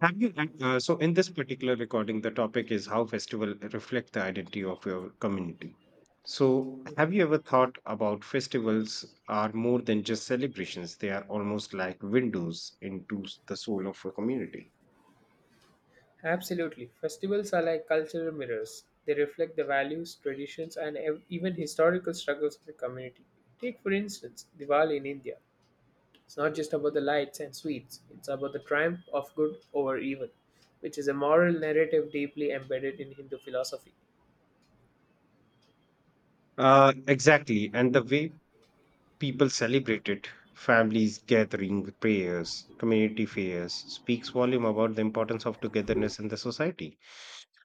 So in this particular recording, the topic is how festival reflect the identity of your community. So, have you ever thought about festivals are more than just celebrations? They are almost like windows into the soul of a community. Absolutely. Festivals are like cultural mirrors. They reflect the values, traditions, and even historical struggles of the community. Take, for instance, Diwali in India. It's not just about the lights and sweets, it's about the triumph of good over evil, which is a moral narrative deeply embedded in Hindu philosophy. Exactly. And the way people celebrate it, families gathering, prayers, community fairs, speaks volume about the importance of togetherness in the society.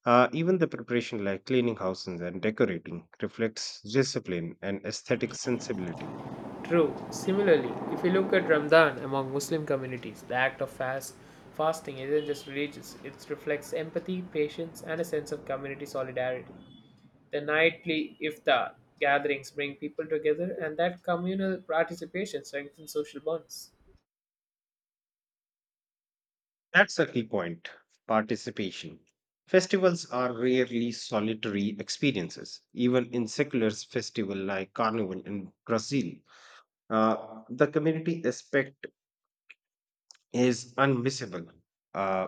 Even the preparation, like cleaning houses and decorating, reflects discipline and aesthetic sensibility. True. Similarly, if you look at Ramadan among Muslim communities, the act of fasting isn't just religious, it reflects empathy, patience, and a sense of community solidarity. The nightly iftar gatherings bring people together, and that communal participation strengthens social bonds. That's a key point participation. Festivals are rarely solitary experiences. Even in secular festival like Carnival in Brazil, the community aspect is unmissable. Uh,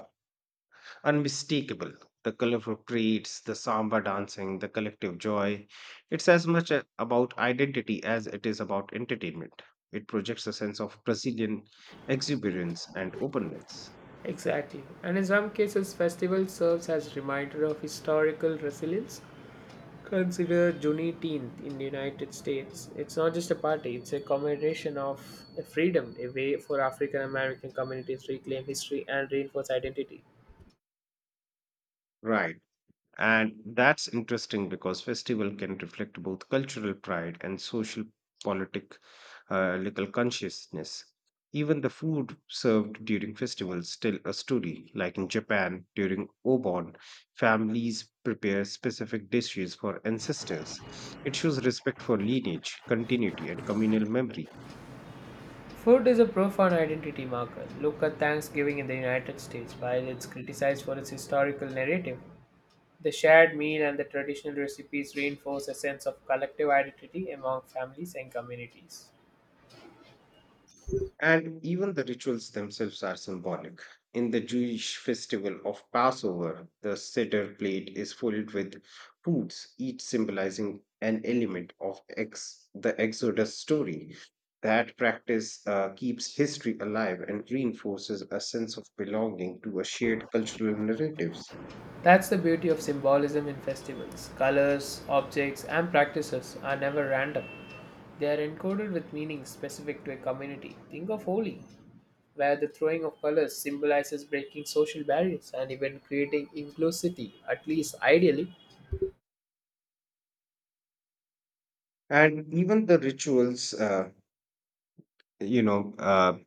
unmistakable. The colorful parades, the samba dancing, the collective joy. It's as much about identity as it is about entertainment. It projects a sense of Brazilian exuberance and openness. Exactly. And in some cases, festival serves as reminder of historical resilience. Consider Juneteenth in the United States. It's not just a party, it's a commemoration of a freedom, a way for African American communities to reclaim history and reinforce identity. Right. And that's interesting because festival can reflect both cultural pride and social politic local consciousness. Even the food served during festivals tell a story. Like in Japan, during Obon, families prepare specific dishes for ancestors. It shows respect for lineage, continuity, and communal memory. Food is a profound identity marker. Look at Thanksgiving in the United States. While it's criticized for its historical narrative, the shared meal and the traditional recipes reinforce a sense of collective identity among families and communities. And even the rituals themselves are symbolic. In the Jewish festival of Passover, the Seder plate is filled with foods, each symbolizing an element of the Exodus story. That practice keeps history alive and reinforces a sense of belonging to a shared cultural narratives. That's the beauty of symbolism in festivals. Colors, objects, and practices are never random. They are encoded with meanings specific to a community. Think of Holi, where the throwing of colors symbolizes breaking social barriers and even creating inclusivity, at least ideally. And even the rituals, you know, uh,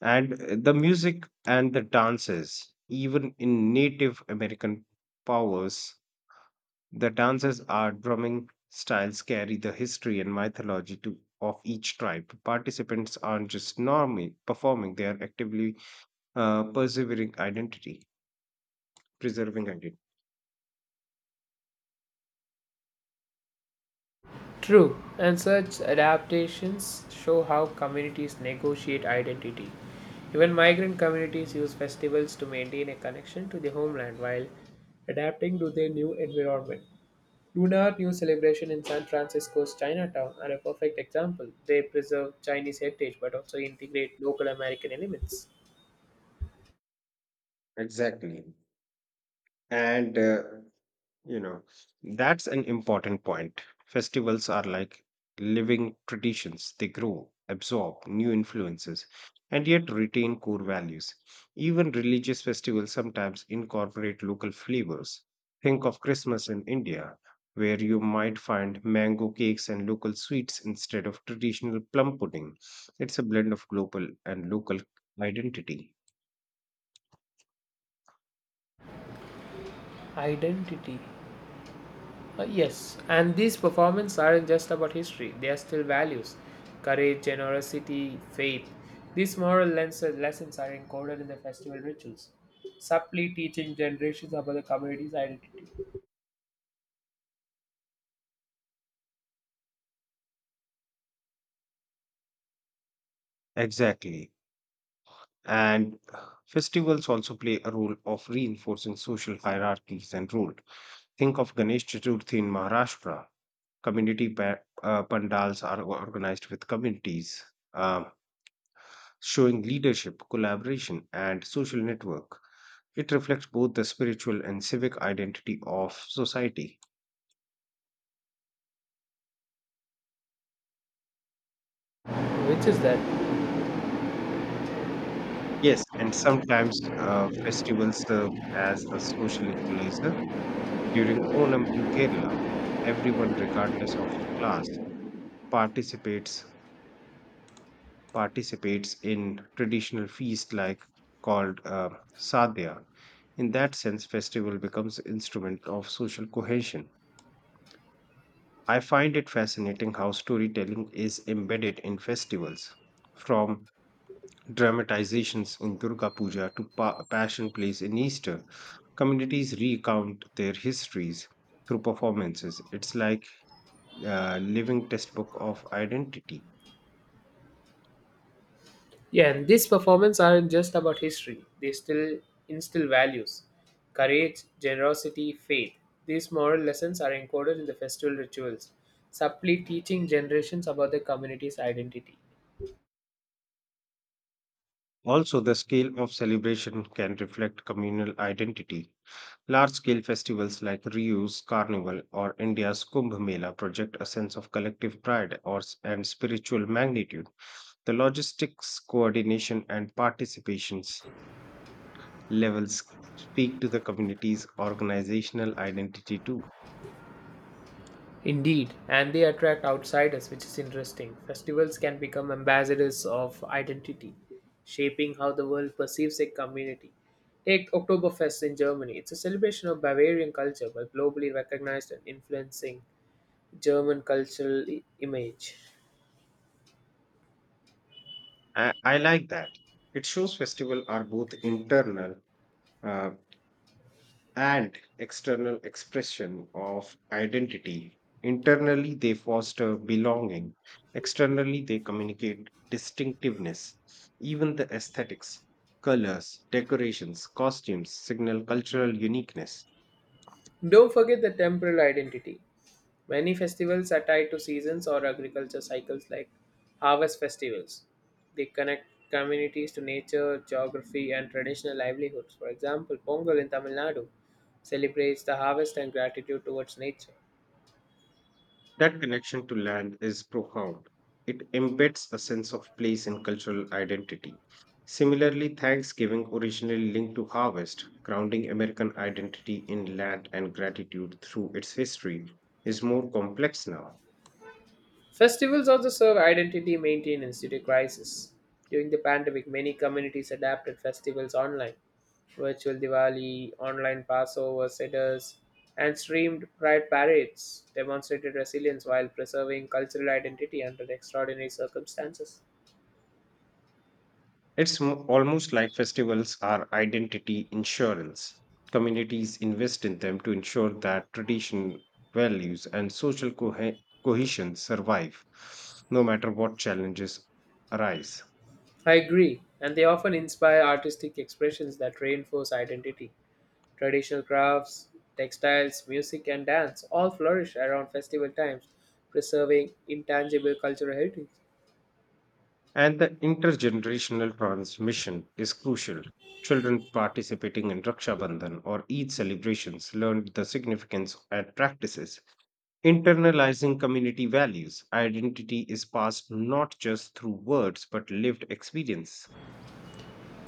and the music and the dances even in native american powers the dances are drumming styles carry the history and mythology to, of each tribe participants aren't just normally performing they are actively persevering identity preserving identity True, and such adaptations show how communities negotiate identity. Even migrant communities use festivals to maintain a connection to their homeland while adapting to their new environment. Lunar New celebration in San Francisco's Chinatown are a perfect example. They preserve Chinese heritage but also integrate local American elements. exactly and You know, that's an important point. Festivals are like living traditions, they grow, absorb new influences, and yet retain core values. Even religious festivals sometimes incorporate local flavors. Think of Christmas in India, where you might find mango cakes and local sweets instead of traditional plum pudding. It's a blend of global and local identity. Identity. Yes, and these performances aren't just about history, they are still values, courage, generosity, faith. These moral lessons are encoded in the festival rituals, subtly teaching generations about the community's identity. Exactly. And festivals also play a role of reinforcing social hierarchies and rule. Think of Ganesh Chaturthi in Maharashtra. Community pandals are organized with communities, um, showing leadership, collaboration, and social network. It reflects both the spiritual and civic identity of society. Which is that? Yes, and sometimes festivals serve as a social equalizer. During Onam in Kerala, everyone, regardless of class, participates participates in traditional feast like called sadhya. In that sense, festival becomes instrument of social cohesion. I find it fascinating how storytelling is embedded in festivals, from dramatizations in Durga Puja to passion plays in Easter. Communities recount their histories through performances. It's like a living textbook of identity. Yeah, and these performances aren't just about history, they still instill values, courage, generosity, faith. These moral lessons are encoded in the festival rituals, subtly teaching generations about the community's identity. Also, the scale of celebration can reflect communal identity. Large scale festivals like Ryu's Carnival or India's Kumbh Mela project a sense of collective pride and spiritual magnitude. The logistics, coordination, and participations levels speak to the community's organizational identity too. Indeed, and they attract outsiders, which is interesting. Festivals can become ambassadors of identity, shaping how the world perceives a community. Take Oktoberfest in Germany. It's a celebration of Bavarian culture, but globally recognized and influencing German cultural image. I like that. It shows festivals are both internal uh, and external expression of identity. Internally, they foster belonging. Externally, they communicate distinctiveness. Even the aesthetics, colors, decorations, costumes signal cultural uniqueness. Don't forget the temporal identity. Many festivals are tied to seasons or agriculture cycles like harvest festivals. They connect communities to nature, geography, and traditional livelihoods. For example, Pongal in Tamil Nadu celebrates the harvest and gratitude towards nature. That connection to land is profound. It embeds a sense of place and cultural identity. Similarly, Thanksgiving originally linked to harvest, grounding American identity in land and gratitude through its history, is more complex now. Festivals also serve identity maintenance due to crisis. During the pandemic, many communities adapted festivals online. Virtual Diwali, online Passover seders, and streamed pride parades demonstrated resilience while preserving cultural identity under extraordinary circumstances. It's almost like festivals are identity insurance. Communities invest in them to ensure that tradition, values, and social cohesion survive, no matter what challenges arise. I agree, and they often inspire artistic expressions that reinforce identity. Traditional crafts, textiles, music, and dance all flourish around festival times, preserving intangible cultural heritage. And the intergenerational transmission is crucial. Children participating in Raksha Bandhan or Eid celebrations learned the significance and practices. Internalizing community values, identity is passed not just through words but lived experience.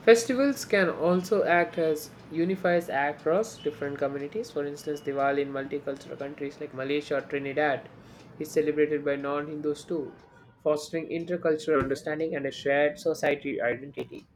Festivals can also act as unifiers across different communities. For instance, Diwali in multicultural countries like Malaysia or Trinidad is celebrated by non Hindus too, fostering intercultural understanding and a shared society identity.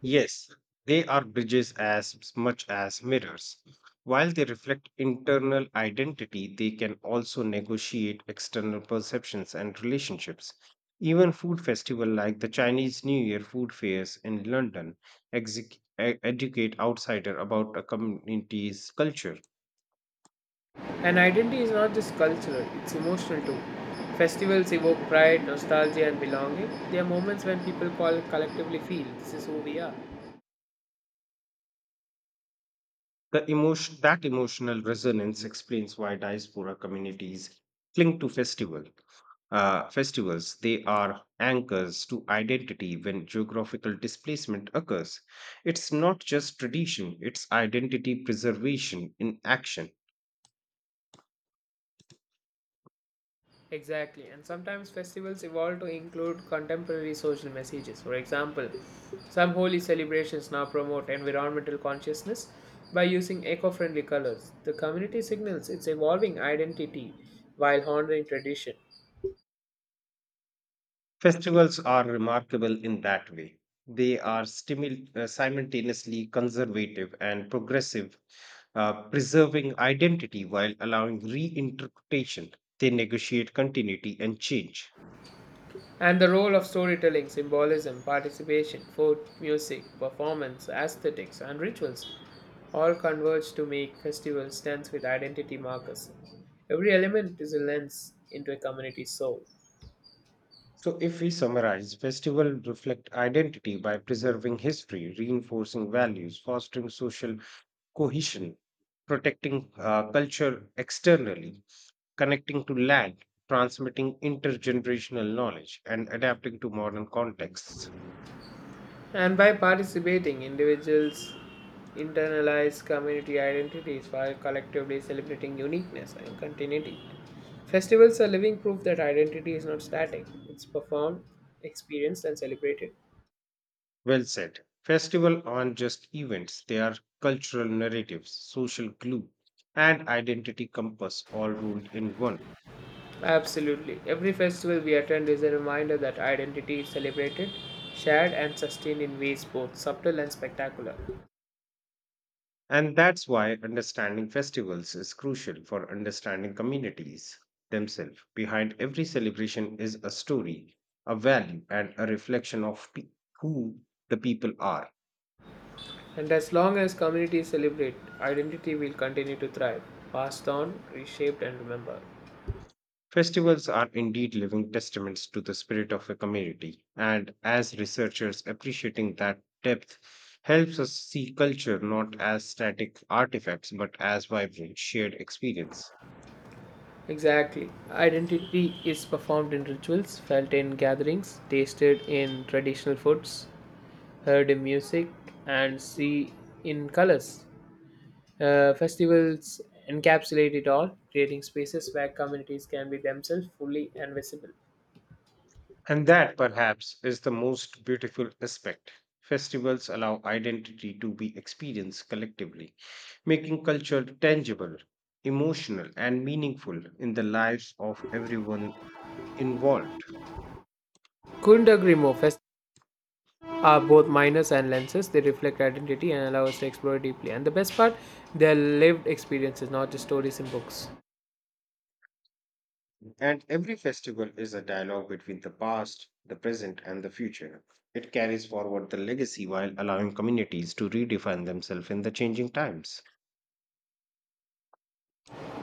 Yes, they are bridges as much as mirrors. While they reflect internal identity, they can also negotiate external perceptions and relationships. Even food festivals like the Chinese New Year food fairs in London exec- educate outsider about a community's culture. And identity is not just cultural, it's emotional too. Festivals evoke pride, nostalgia, and belonging. They are moments when people call collectively feel this is who we are. The emotional resonance explains why diaspora communities cling to festivals. They are anchors to identity when geographical displacement occurs. It's not just tradition, it's identity preservation in action. Exactly, and sometimes festivals evolve to include contemporary social messages. For example, some holy celebrations now promote environmental consciousness by using eco friendly colors. The community signals its evolving identity while honoring tradition. Festivals are remarkable in that way. They are simultaneously conservative and progressive, preserving identity while allowing reinterpretation. They negotiate continuity and change. And the role of storytelling, symbolism, participation, food, music, performance, aesthetics, and rituals all converge to make festivals dance with identity markers. Every element is a lens into a community's soul. So, if we summarize, festivals reflect identity by preserving history, reinforcing values, fostering social cohesion, protecting culture externally, connecting to land, transmitting intergenerational knowledge, and adapting to modern contexts. And by participating, individuals internalize community identities while collectively celebrating uniqueness and continuity. Festivals are living proof that identity is not static, it's performed, experienced, and celebrated. Well said. Festivals aren't just events, they are cultural narratives, social glue, and identity compass all rolled in one. Absolutely. Every festival we attend is a reminder that identity is celebrated, shared, and sustained in ways both subtle and spectacular. And that's why understanding festivals is crucial for understanding communities themselves. Behind every celebration is a story, a value, and a reflection of who the people are. And as long as communities celebrate, identity will continue to thrive, passed on, reshaped, and remembered. Festivals are indeed living testaments to the spirit of a community, and as researchers, appreciating that depth helps us see culture not as static artifacts but as vibrant, shared experience. Exactly. Identity is performed in rituals, felt in gatherings, tasted in traditional foods, heard in music, and see in colors. Festivals encapsulate it all, creating spaces where communities can be themselves fully and visible. And that, perhaps, is the most beautiful aspect. Festivals allow identity to be experienced collectively, making culture tangible, emotional, and meaningful in the lives of everyone involved. Couldn't agree more. Festivals are both minors and lenses. They reflect identity and allow us to explore it deeply. And the best part, they're lived experiences, not just stories in books. And every festival is a dialogue between the past, the present, and the future. It carries forward the legacy while allowing communities to redefine themselves in the changing times.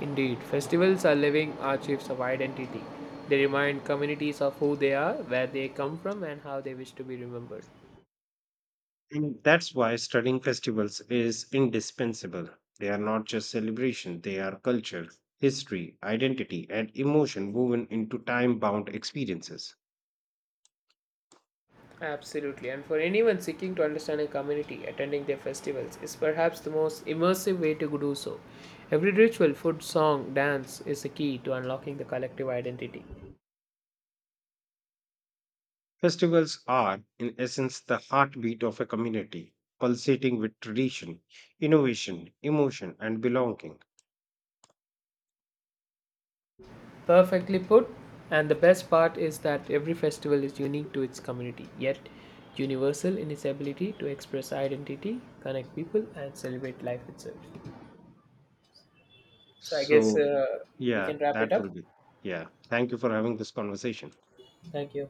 Indeed, festivals are living archives of identity. They remind communities of who they are, where they come from, and how they wish to be remembered. And that's why studying festivals is indispensable. They are not just celebration, they are culture, history, identity, and emotion woven into time bound experiences. Absolutely, and for anyone seeking to understand a community, attending their festivals is perhaps the most immersive way to do so. Every ritual, food, song, dance is the key to unlocking the collective identity. Festivals are, in essence, the heartbeat of a community, pulsating with tradition, innovation, emotion, and belonging. Perfectly put, and the best part is that every festival is unique to its community, yet universal in its ability to express identity, connect people, and celebrate life itself. So I guess So, we yeah, can wrap it that will up. be. Yeah. Thank you for having this conversation. Thank you.